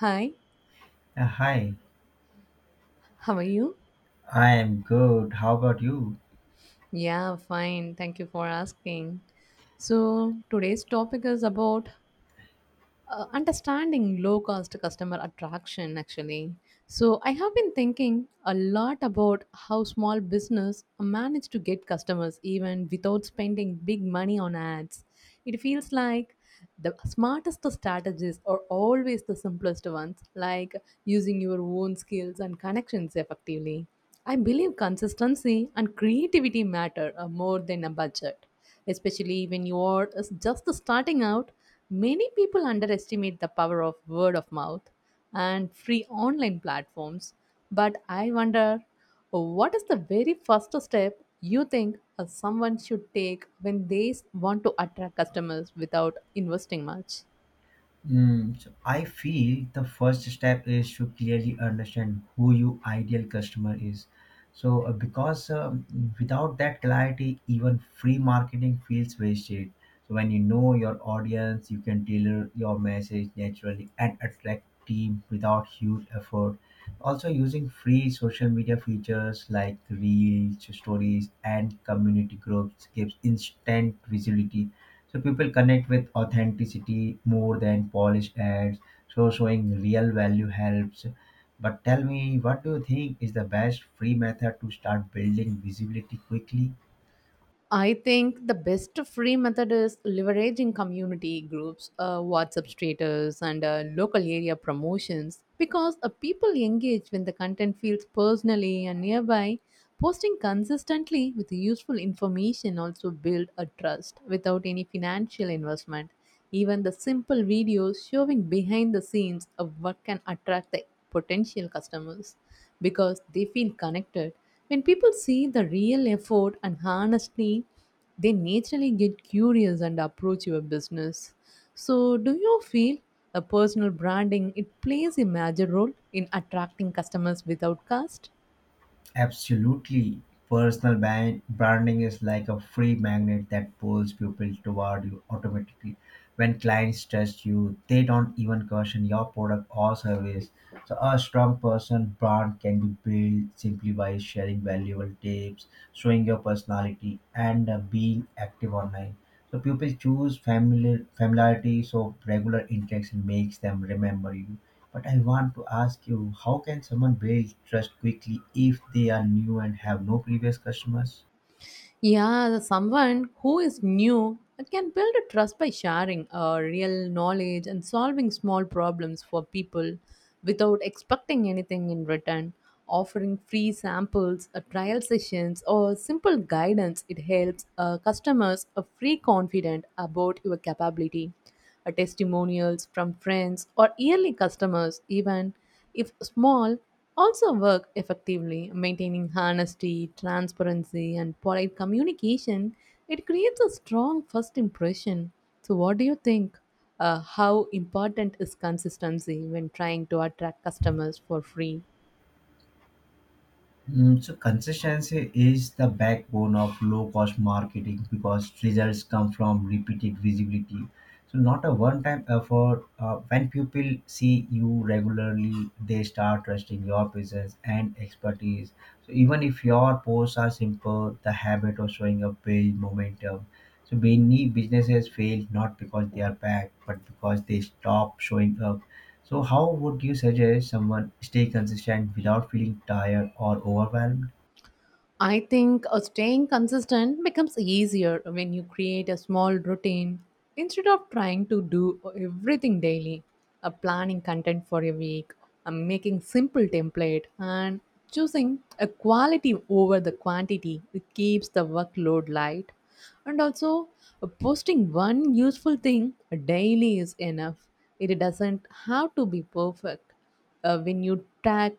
Hi, Hi, how are you? I am good. How about you? Yeah, fine. Thank you for asking. So, today's topic is about understanding low cost customer attraction actually. So, I have been thinking a lot about how small business manage to get customers even without spending big money on ads. It feels like the smartest strategies are always the simplest ones, like using your own skills and connections effectively. I believe consistency and creativity matter more than a budget, especially when you are just starting out. Many people underestimate the power of word of mouth and free online platforms, but I wonder so What is the very first step you think someone should take when they want to attract customers without investing much? So I feel the first step is to clearly understand who your ideal customer is. So, because Without that clarity, even free marketing feels wasted. So, when you know your audience, you can tailor your message naturally and attract team without huge effort. Also, using free social media features like Reels, Stories, and community groups gives instant visibility. So people connect with authenticity more than polished ads. So showing real value helps. But tell me, what do you think is the best free method to start building visibility quickly? I think the best free method is leveraging community groups, WhatsApp status, and local area promotions because people engage when the content feels personally and nearby. Posting consistently with useful information also build a trust without any financial investment. Even the simple videos showing behind the scenes of what can attract the potential customers because they feel connected. When people see the real effort and honesty, they naturally get curious and approach your business. So, do you feel a personal branding it plays a major role in attracting customers without cost? Absolutely. Personal branding is like a free magnet that pulls people toward you automatically. When clients trust you, they don't even question your product or service. So, a strong person brand can be built simply by sharing valuable tips, showing your personality, and being active online. So pupils choose familiarity, so regular interaction makes them remember you. But I want to ask you, how can someone build trust quickly if they are new and have no previous customers? Yeah, someone who is new can build a trust by sharing real knowledge and solving small problems for people without expecting anything in return. Offering free samples, trial sessions, or simple guidance, it helps customers feel confident about your capability testimonials from friends or yearly customers, even if small, also work effectively. Maintaining honesty, transparency, and polite communication, it creates a strong first impression. So, what do you think? How important is consistency when trying to attract customers for free? So consistency is the backbone of low cost marketing because results come from repeated visibility. So not a one time effort. When people see you regularly, they start trusting your presence and expertise. So even if your posts are simple, the habit of showing up builds momentum. So many businesses fail not because they are bad, but because they stop showing up. So, how would you suggest someone stay consistent without feeling tired or overwhelmed? I think staying consistent becomes easier when you create a small routine instead of trying to do everything daily. A planning content for a week, a making simple template, and choosing a quality over the quantity. It keeps the workload light, and also posting one useful thing daily is enough. It doesn't have to be perfect. When you track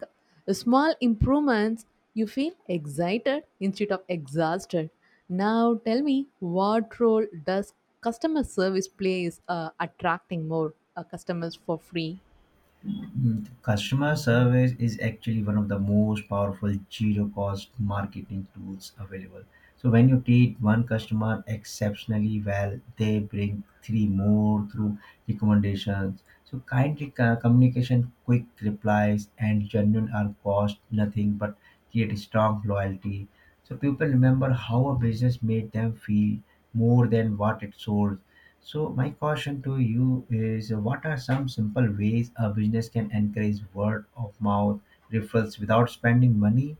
small improvements, you feel excited instead of exhausted. Now, tell me, what role does customer service plays attracting more customers for free? Customer service is actually one of the most powerful zero cost marketing tools available. So, when you treat one customer exceptionally well, they bring three more through recommendations. So, kindly communication, quick replies, and genuine are cost nothing but create strong loyalty. So, people remember how a business made them feel more than what it sold. So my caution to you is what are some simple ways a business can encourage word of mouth referrals without spending money?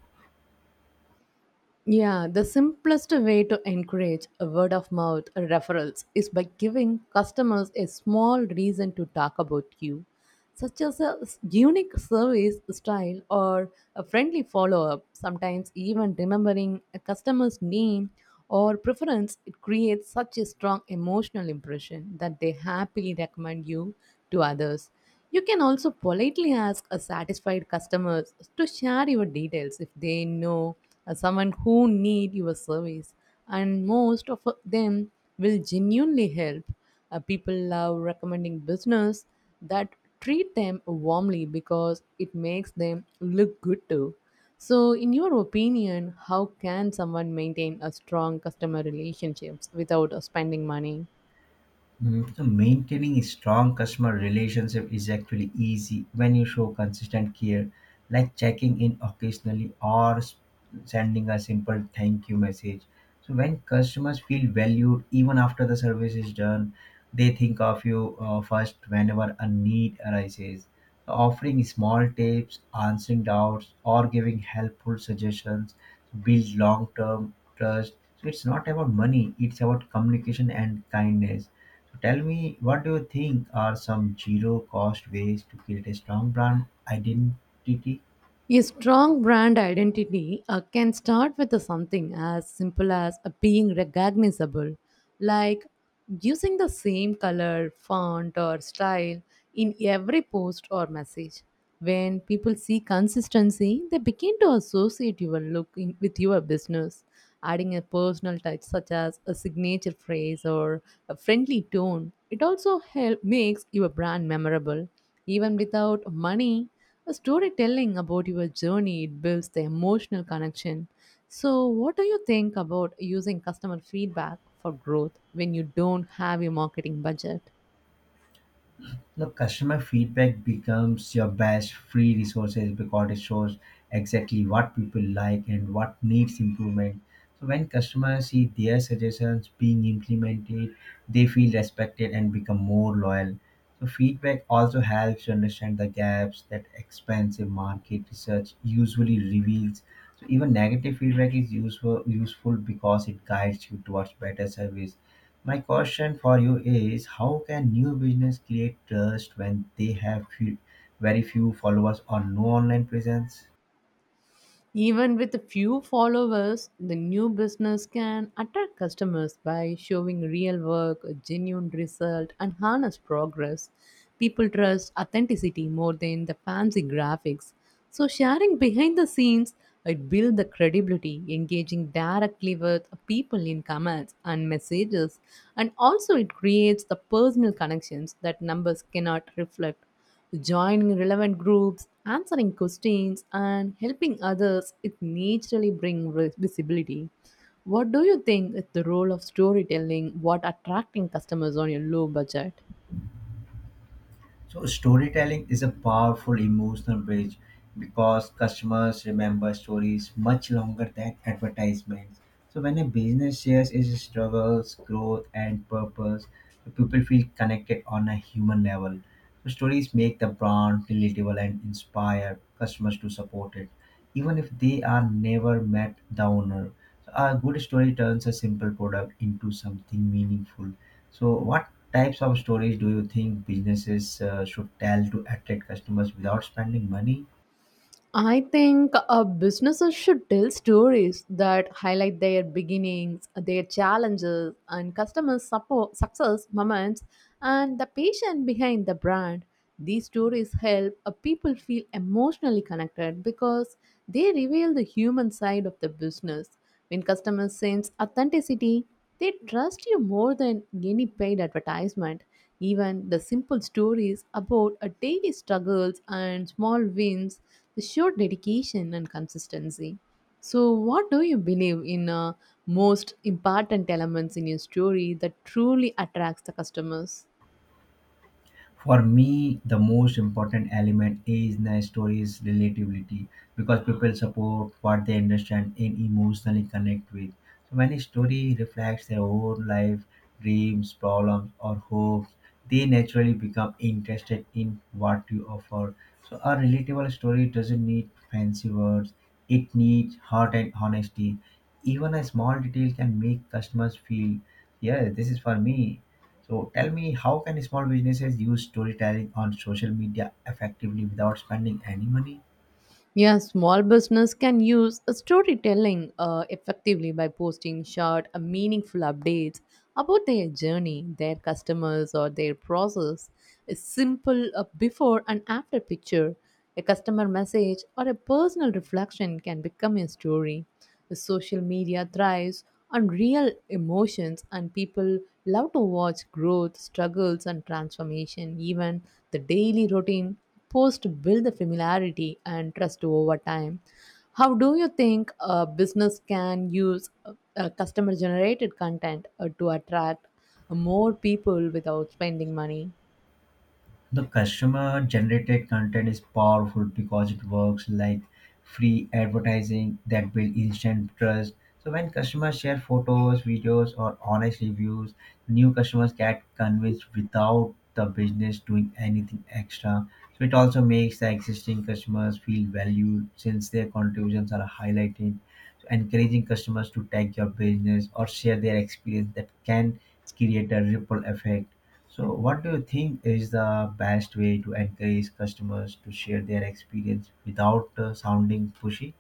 Yeah, the simplest way to encourage a word of mouth referrals is by giving customers a small reason to talk about you, such as a unique service style or a friendly follow up. Sometimes, even remembering a customer's name or preference, it creates such a strong emotional impression that they happily recommend you to others. You can also politely ask a satisfied customers to share your details if they know someone who need your service and most of them will genuinely help. People love recommending business that treat them warmly because it makes them look good too. So in your opinion, how can someone maintain a strong customer relationships without spending money? So maintaining a strong customer relationship is actually easy when you show consistent care, like checking in occasionally or sending a simple thank you message. So when customers feel valued even after the service is done, they think of you first whenever a need arises. So offering small tips, answering doubts, or giving helpful suggestions build long-term trust. So it's not about money; it's about communication and kindness. So tell me, what do you think are some zero cost ways to create a strong brand identity? A strong brand identity can start with a something as simple as being recognizable, like using the same color, font, or style in every post or message. When people see consistency, they begin to associate your look in, with your business. Adding a personal touch, such as a signature phrase or a friendly tone, it also help, makes your brand memorable. Even without money, a storytelling about your journey, it builds the emotional connection. So, what do you think about using customer feedback for growth when you don't have a marketing budget? The customer feedback becomes your best free resources because it shows exactly what people like and what needs improvement. So when customers see their suggestions being implemented, they feel respected and become more loyal. So feedback also helps you understand the gaps that expensive market research usually reveals. So even negative feedback is useful because it guides you towards better service. My question for you is how can new business create trust when they very few followers or no online presence? Even with a few followers, the new business can attract customers by showing real work, a genuine result, and honest progress. People trust authenticity more than the fancy graphics. So, sharing behind the scenes, it builds the credibility, engaging directly with people in comments and messages, and also it creates the personal connections that numbers cannot reflect. Joining relevant groups, answering questions, and helping others, it naturally brings visibility. What do you think is the role of storytelling? What attracting customers on your low budget? So storytelling is a powerful emotional bridge because customers remember stories much longer than advertisements. So when a business shares its struggles, growth, and purpose, so people feel connected on a human level. So stories make the brand relatable and inspire customers to support it, even if they are never met the owner. So a good story turns a simple product into something meaningful. So what types of stories do you think businesses should tell to attract customers without spending money? I think businesses should tell stories that highlight their beginnings, their challenges, and customer support, success moments, and the patient behind the brand. These stories help people feel emotionally connected because they reveal the human side of the business. When customers sense authenticity, they trust you more than any paid advertisement. Even the simple stories about a daily struggles and small wins show dedication and consistency. So, what do you believe in most important elements in your story that truly attracts the customers? For me the most important element is the story's relatability because people support what they understand and emotionally connect with. So when a story reflects their own life, dreams, problems, or hopes, they naturally become interested in what you offer. So a relatable story doesn't need fancy words, it needs heart and honesty. Even a small detail can make customers feel, yeah, this is for me. So tell me, how can small businesses use storytelling on social media effectively without spending any money? Yeah, small business can use a storytelling effectively by posting short, meaningful updates about their journey, their customers, or their process. A simple before and after picture, a customer message, or a personal reflection can become a story. The social media thrives on real emotions, and people love to watch growth, struggles, and transformation. Even the daily routine post build the familiarity and trust over time. How do you think a business can use customer generated content to attract more people without spending money? The customer generated content is powerful because it works like free advertising that build instant trust. So when customers share photos, videos or honest reviews, new customers get convinced without the business doing anything extra. So it also makes the existing customers feel valued since their contributions are highlighted. So encouraging customers to tag your business or share their experience that can create a ripple effect. So, what do you think is the best way to encourage customers to share their experience without sounding pushy?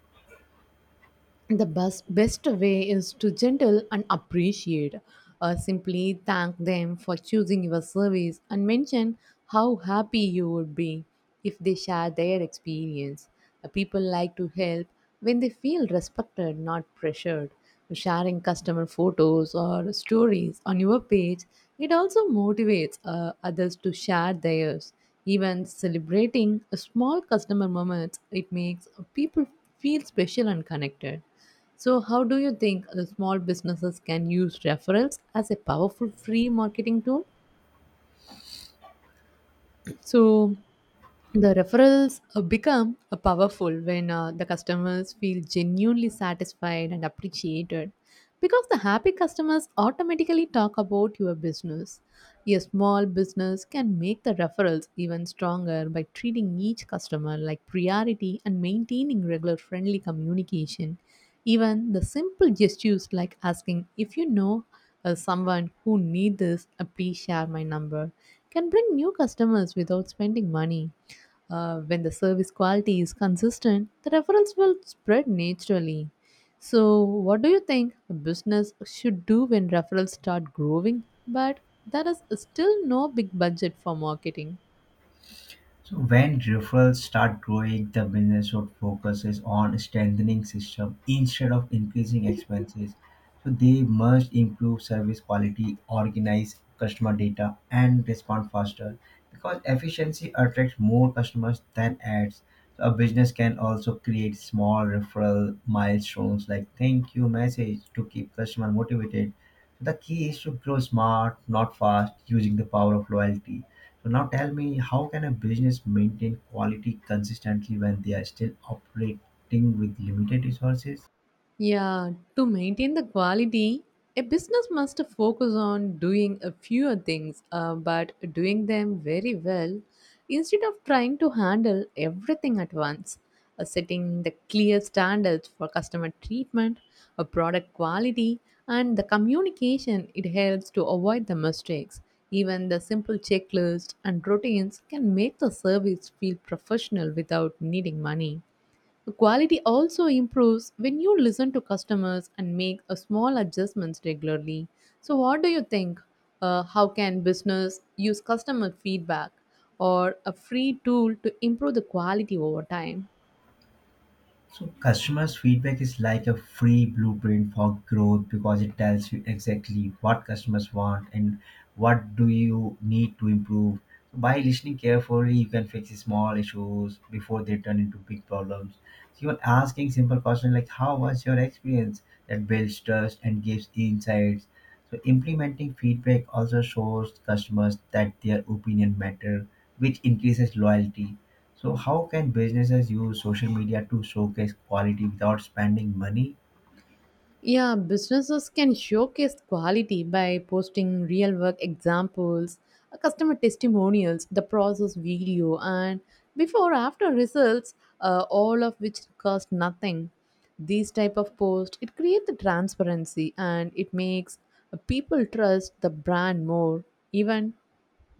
The best way is to gentle and appreciate simply thank them for choosing your service and mention how happy you would be if they share their experience. People like to help when they feel respected not pressured, sharing customer photos or stories on your page, it also motivates others to share theirs, even celebrating a small customer moments, it makes people feel special and connected. So, how do you think the small businesses can use referrals as a powerful free marketing tool? So, the referrals become powerful when the customers feel genuinely satisfied and appreciated because the happy customers automatically talk about your business. A small business can make the referrals even stronger by treating each customer like priority and maintaining regular friendly communication, even the simple gestures like asking if you know someone who need this please share my number can bring new customers without spending money. When the service quality is consistent, the referrals will spread naturally. So, what do you think a business should do when referrals start growing, but there is still no big budget for marketing? So when referrals start growing, the business should focuses on strengthening system instead of increasing expenses. So they must improve service quality, organize customer data, and respond faster because efficiency attracts more customers than ads. So a business can also create small referral milestones like thank you message to keep customer motivated. The key is to grow smart, not fast, using the power of loyalty. So now tell me, how can a business maintain quality consistently when they are still operating with limited resources? Yeah, to maintain the quality, a business must focus on doing a few things, but doing them very well instead of trying to handle everything at once. Setting the clear standards for customer treatment, product quality, and the communication, it helps to avoid the mistakes. Even the simple checklist and routines can make the service feel professional without needing money. Quality also improves when you listen to customers and make a small adjustments regularly. So, what do you think? How can business use customer feedback or a free tool to improve the quality over time? So customers' feedback is like a free blueprint for growth because it tells you exactly what customers want and what do you need to improve. So by listening carefully, you can fix small issues before they turn into big problems. So even asking simple questions like "How was your experience?" that builds trust and gives insights. So implementing feedback also shows customers that their opinion matter, which increases loyalty. So how can businesses use social media to showcase quality without spending money? Yeah, businesses can showcase quality by posting real work examples, customer testimonials, the process video, and before after results, all of which cost nothing. These type of posts it creates the transparency and it makes people trust the brand more. Even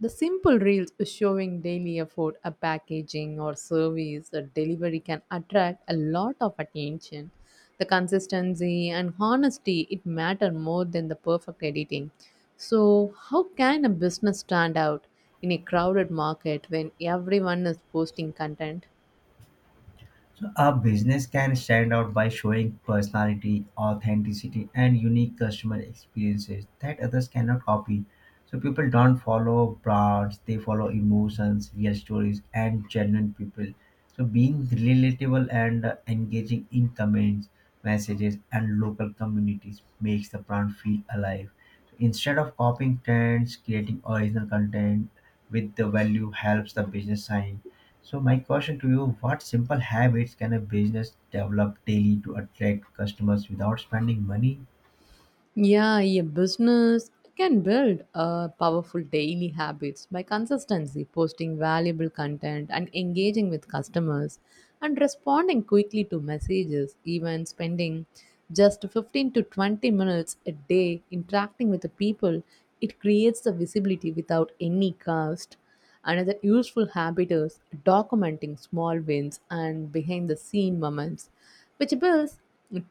the simple reels showing daily effort, a packaging or service or delivery can attract a lot of attention. The consistency and honesty it matter more than the perfect editing. So how can a business stand out in a crowded market when everyone is posting content? A business can stand out by showing personality, authenticity, and unique customer experiences that others cannot copy. So people don't follow brands, they follow emotions, real stories, and genuine people. So being relatable and engaging in comments, messages, and local communities makes the brand feel alive. So instead of copying trends, creating original content with the value helps the business shine. So my question to you, what simple habits can a business develop daily to attract customers without spending money? Yeah, a business can build powerful daily habits by consistency, posting valuable content, and engaging with customers, and responding quickly to messages, even spending just 15 to 20 minutes a day interacting with the people. It creates the visibility without any cost. Another useful habit is documenting small wins and behind the scene moments, which builds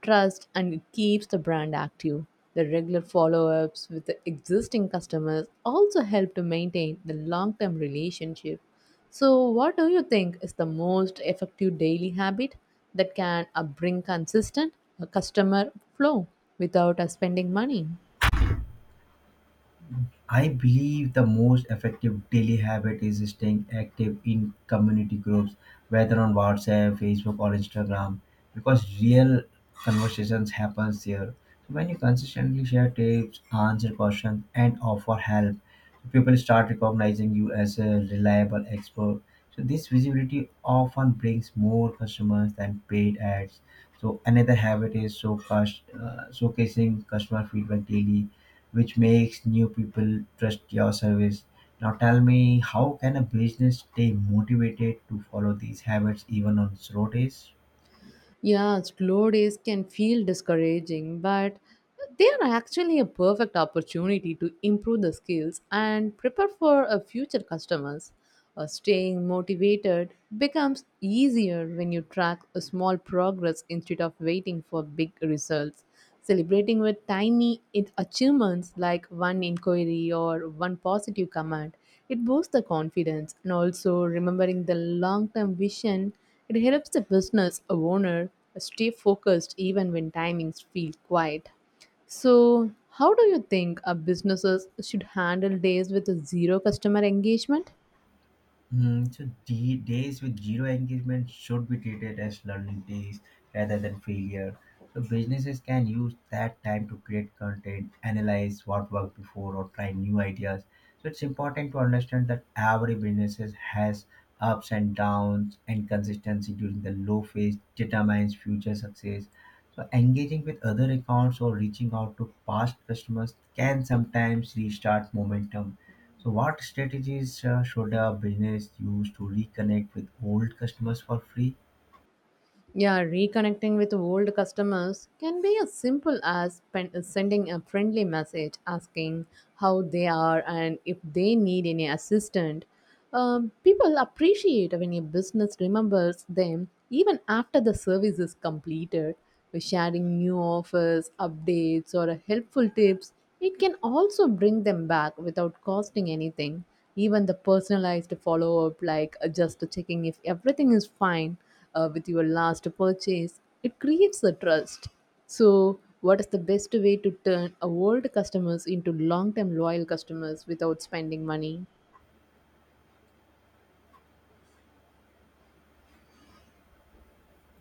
trust and keeps the brand active. The regular follow ups with the existing customers also help to maintain the long term relationship. So, what do you think is the most effective daily habit that can bring consistent customer flow without us spending money? I believe the most effective daily habit is staying active in community groups, whether on WhatsApp, Facebook, or Instagram, because real conversations happens there. So when you consistently share tips, answer questions, and offer help, people start recognizing you as a reliable expert. So this visibility often brings more customers than paid ads. So another habit is showcasing customer feedback daily which makes new people trust your service. Now tell me, how can a business stay motivated to follow these habits even on slow days? Yeah, slow days can feel discouraging, but they are actually a perfect opportunity to improve the skills and prepare for a future customers. Staying motivated becomes easier when you track a small progress instead of waiting for big results, celebrating with tiny achievements like one inquiry or one positive comment. It boosts the confidence and also remembering the long term vision, it helps the business owner stay focused even when timings feel quiet. So, how do you think a businesses should handle days with zero customer engagement? So days with zero engagement should be treated as learning days rather than failure. So businesses can use that time to create content, analyze what worked before, or try new ideas. So it's important to understand that every businesses has ups and downs, and consistency during the low phase determines future success. So engaging with other accounts or reaching out to past customers can sometimes restart momentum. So, what strategies should a business use to reconnect with old customers for free? Yeah, reconnecting with old customers can be as simple as sending a friendly message asking how they are and if they need any assistance. People appreciate when a business remembers them even after the service is completed. By sharing new offers, updates, or helpful tips, it can also bring them back without costing anything. Even the personalized follow up, like just checking if everything is fine with your last purchase, it creates a trust. So, what is the best way to turn old customers into long term loyal customers without spending money?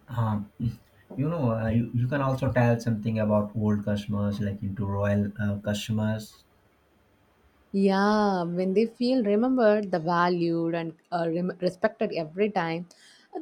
Um, you know, you can also tell something about old customers, like into royal customers. Yeah, when they feel remembered, the valued, and respected every time,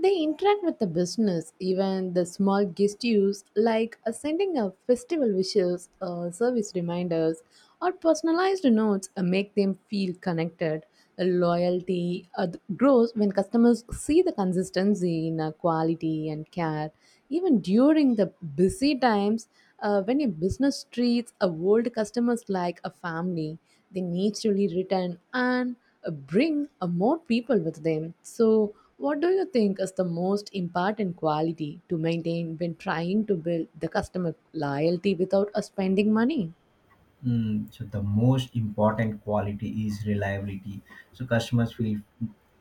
they interact with the business. Even the small gestures like sending a festival wishes, service reminders, or personalized notes make them feel connected. Loyalty grows when customers see the consistency in quality and care. Even during the busy times, when a business treats a old customers like a family, they naturally return and bring more people with them. So, what do you think is the most important quality to maintain when trying to build the customer loyalty without spending money? The most important quality is reliability. So, customers feel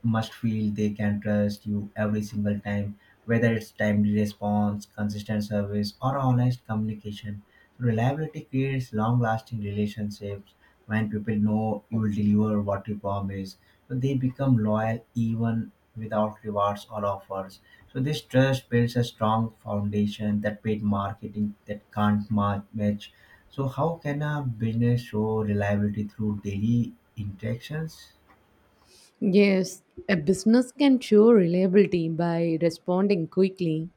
must feel they can trust you every single time, whether it's timely response, consistent service, or honest communication. So, reliability creates long-lasting relationships. When people know you will deliver what you promise, so they become loyal even without rewards or offers. So this trust builds a strong foundation that paid marketing that can't match. So how can a business show reliability through daily interactions? Yes, a business can show reliability by responding quickly,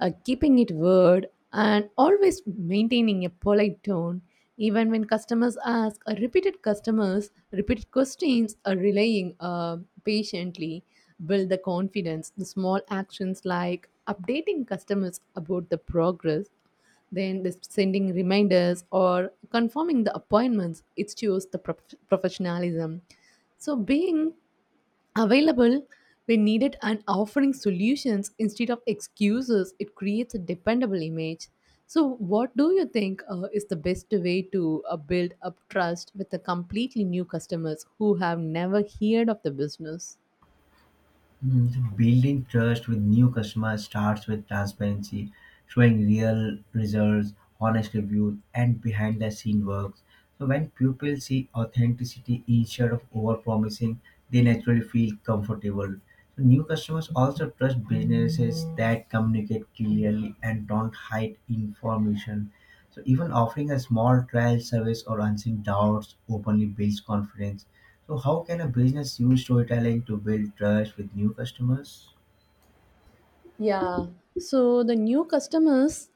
keeping it word, and always maintaining a polite tone. Even when customers ask repeated customers repeated questions, relying patiently build the confidence. The small actions like updating customers about the progress, then the sending reminders or confirming the appointments, it shows the professionalism. So being available when needed and offering solutions instead of excuses, it creates a dependable image. So what do you think is the best way to build up trust with the completely new customers who have never heard of the business? So building trust with new customers starts with transparency, showing real results, honest reviews, and behind the scene works. So when people see authenticity instead of over promising, they naturally feel comfortable. So new customers also trust businesses that communicate clearly and don't hide information. So even offering a small trial service or answering doubts openly builds confidence. So how can a business use storytelling to build trust with new customers? Yeah, so the new customers,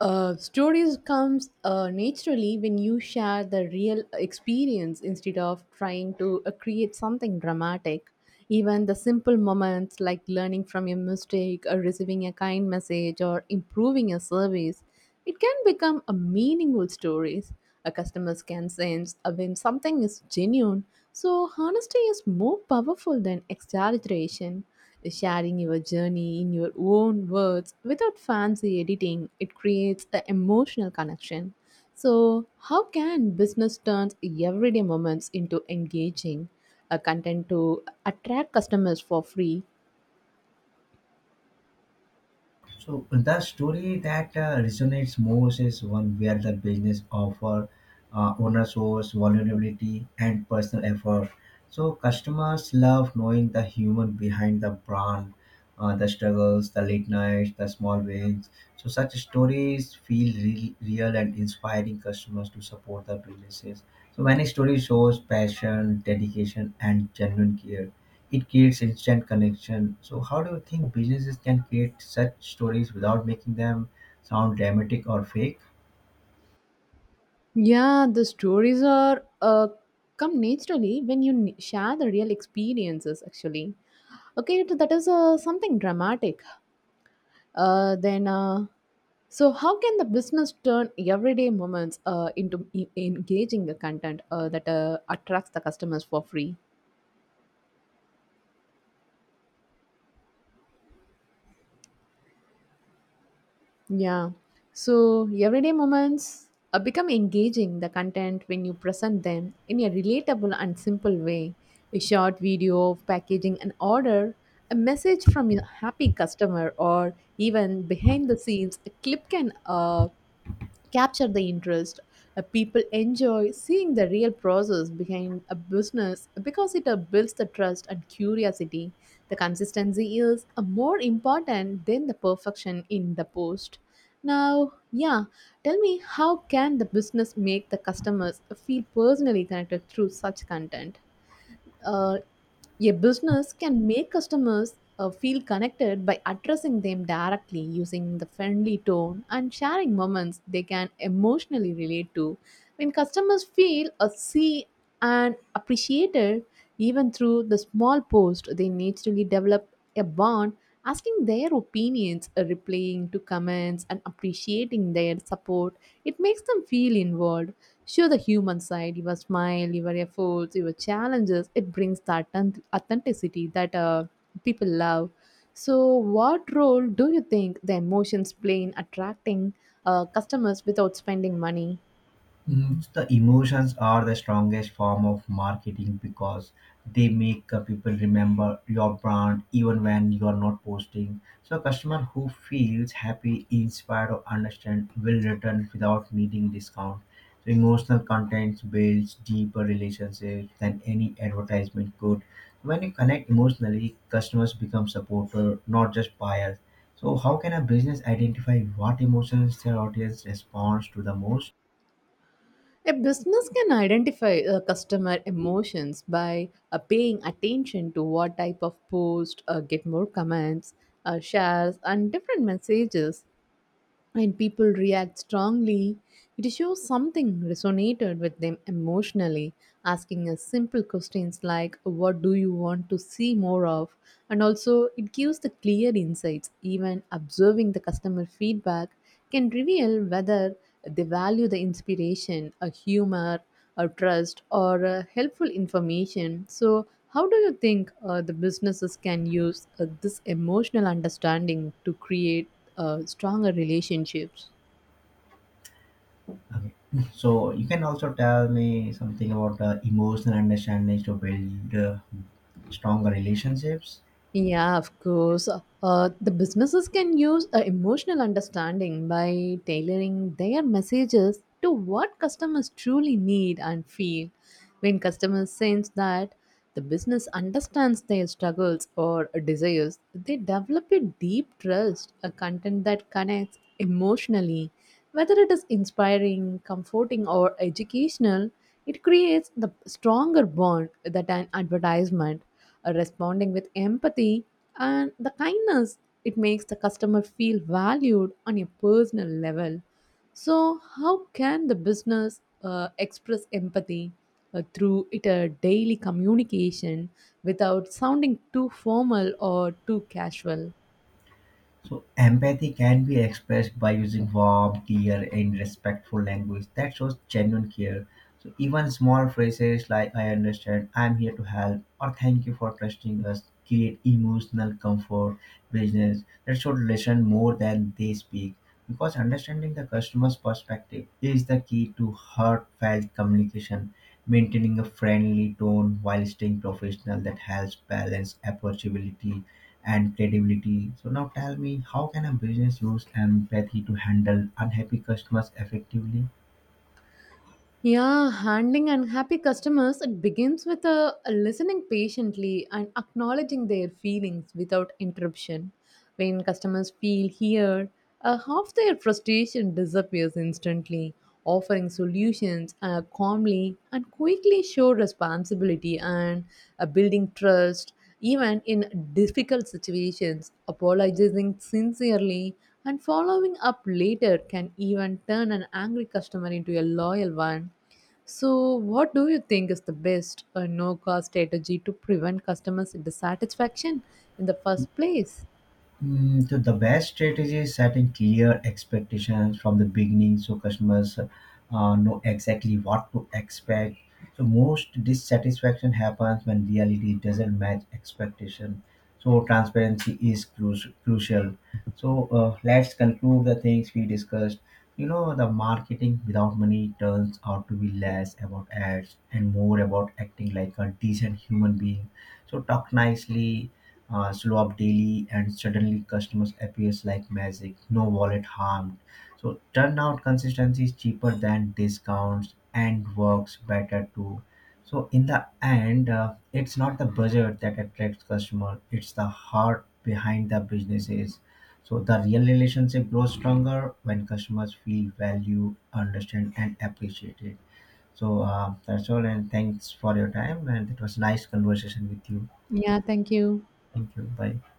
Stories comes naturally when you share the real experience instead of trying to create something dramatic. Even the simple moments like learning from your mistake or receiving a kind message or improving a service, it can become a meaningful stories. A customers can sense when something is genuine. So honesty is more powerful than exaggeration. Sharing your journey in your own words without fancy editing, it creates an emotional connection. So, how can business turn everyday moments into engaging content to attract customers for free? So the story that resonates most is one where the business offer owner source vulnerability and personal effort. So customers love knowing the human behind the brand, the struggles, the late nights, the small wins. So such stories feel real and inspiring customers to support the businesses. So many stories shows passion, dedication, and genuine care. It creates instant connection. So, how do you think businesses can create such stories without making them sound dramatic or fake? Yeah, the stories are come naturally when you share the real experiences actually. Okay, so that is something dramatic. Uh, then, uh, so how can the business turn everyday moments into engaging the content that attracts the customers for free? Yeah. So everyday moments become engaging the content when you present them in a relatable and simple way. A short video of packaging an order, a message from a happy customer, or even behind the scenes, a clip can capture the interest. People enjoy seeing the real process behind a business because it builds the trust and curiosity. The consistency is more important than the perfection in the post. Now, yeah, tell me, how can the business make the customers feel personally connected through such content? Uh, a business can make customers feel connected by addressing them directly using the friendly tone and sharing moments they can emotionally relate to. When customers feel or see and appreciated, even through the small post, they naturally develop a bond. Asking their opinions, replying to comments, and appreciating their support, it makes them feel involved. Show the human side, your smile, your efforts, your challenges. It brings that authenticity that people love. So, what role do you think the emotions play in attracting customers without spending money? The emotions are the strongest form of marketing because they make people remember your brand even when you are not posting. So, a customer who feels happy, inspired, or understand will return without needing discount. So, emotional content builds deeper relationships than any advertisement could. When you connect emotionally, customers become supporter, not just buyers. So, how can a business identify what emotions their audience responds to the most? A business can identify a customer emotions by paying attention to what type of post get more comments, shares, and different messages. And people react strongly, it shows something resonated with them emotionally. Asking us simple questions like, "What do you want to see more of?" And also, it gives the clear insights. Even observing the customer feedback can reveal whether they value the inspiration, a humor, a trust, or helpful information. So, how do you think the businesses can use this emotional understanding to create stronger relationships? So you can also tell me something about emotional understanding to build stronger relationships. Yeah, of course. The businesses can use emotional understanding by tailoring their messages to what customers truly need and feel. When customers sense that the business understands their struggles or desires, they develop a deep trust, a content that connects emotionally. Whether it is inspiring, comforting, or educational, it creates the stronger bond that an advertisement. Responding with empathy and the kindness, it makes the customer feel valued on a personal level. So, how can the business express empathy through it a daily communication without sounding too formal or too casual? So empathy can be expressed by using warm, clear, and respectful language that shows genuine care. So even small phrases like "I understand," "I'm here to help," or "Thank you for trusting us" create emotional comfort. Business that should listen more than they speak, because understanding the customer's perspective is the key to heartfelt communication. Maintaining a friendly tone while staying professional that helps balance approachability and credibility. So now tell me, how can a business use empathy to handle unhappy customers effectively? Yeah, handling unhappy customers, it begins with listening patiently and acknowledging their feelings without interruption. When customers feel heard, half their frustration disappears instantly. Offering solutions calmly and quickly show responsibility and building trust. Even in difficult situations, apologizing sincerely and following up later can even turn an angry customer into a loyal one. So, what do you think is the best or no cost strategy to prevent customers dissatisfaction in the first place? So the best strategy is setting clear expectations from the beginning so customers know exactly what to expect. So most dissatisfaction happens when reality doesn't match expectation. So transparency is crucial. So let's conclude the things we discussed. You know, the marketing without money turns out to be less about ads and more about acting like a decent human being. So talk nicely, slow up daily and suddenly customers appears like magic, no wallet harmed. So turnout consistency is cheaper than discounts and works better too. So in the end, it's not the budget that attracts customer, it's the heart behind the businesses. So the real relationship grows stronger when customers feel valued, understand, and appreciated. So that's all and thanks for your time and it was nice conversation with you. Yeah, thank you. Thank you, bye.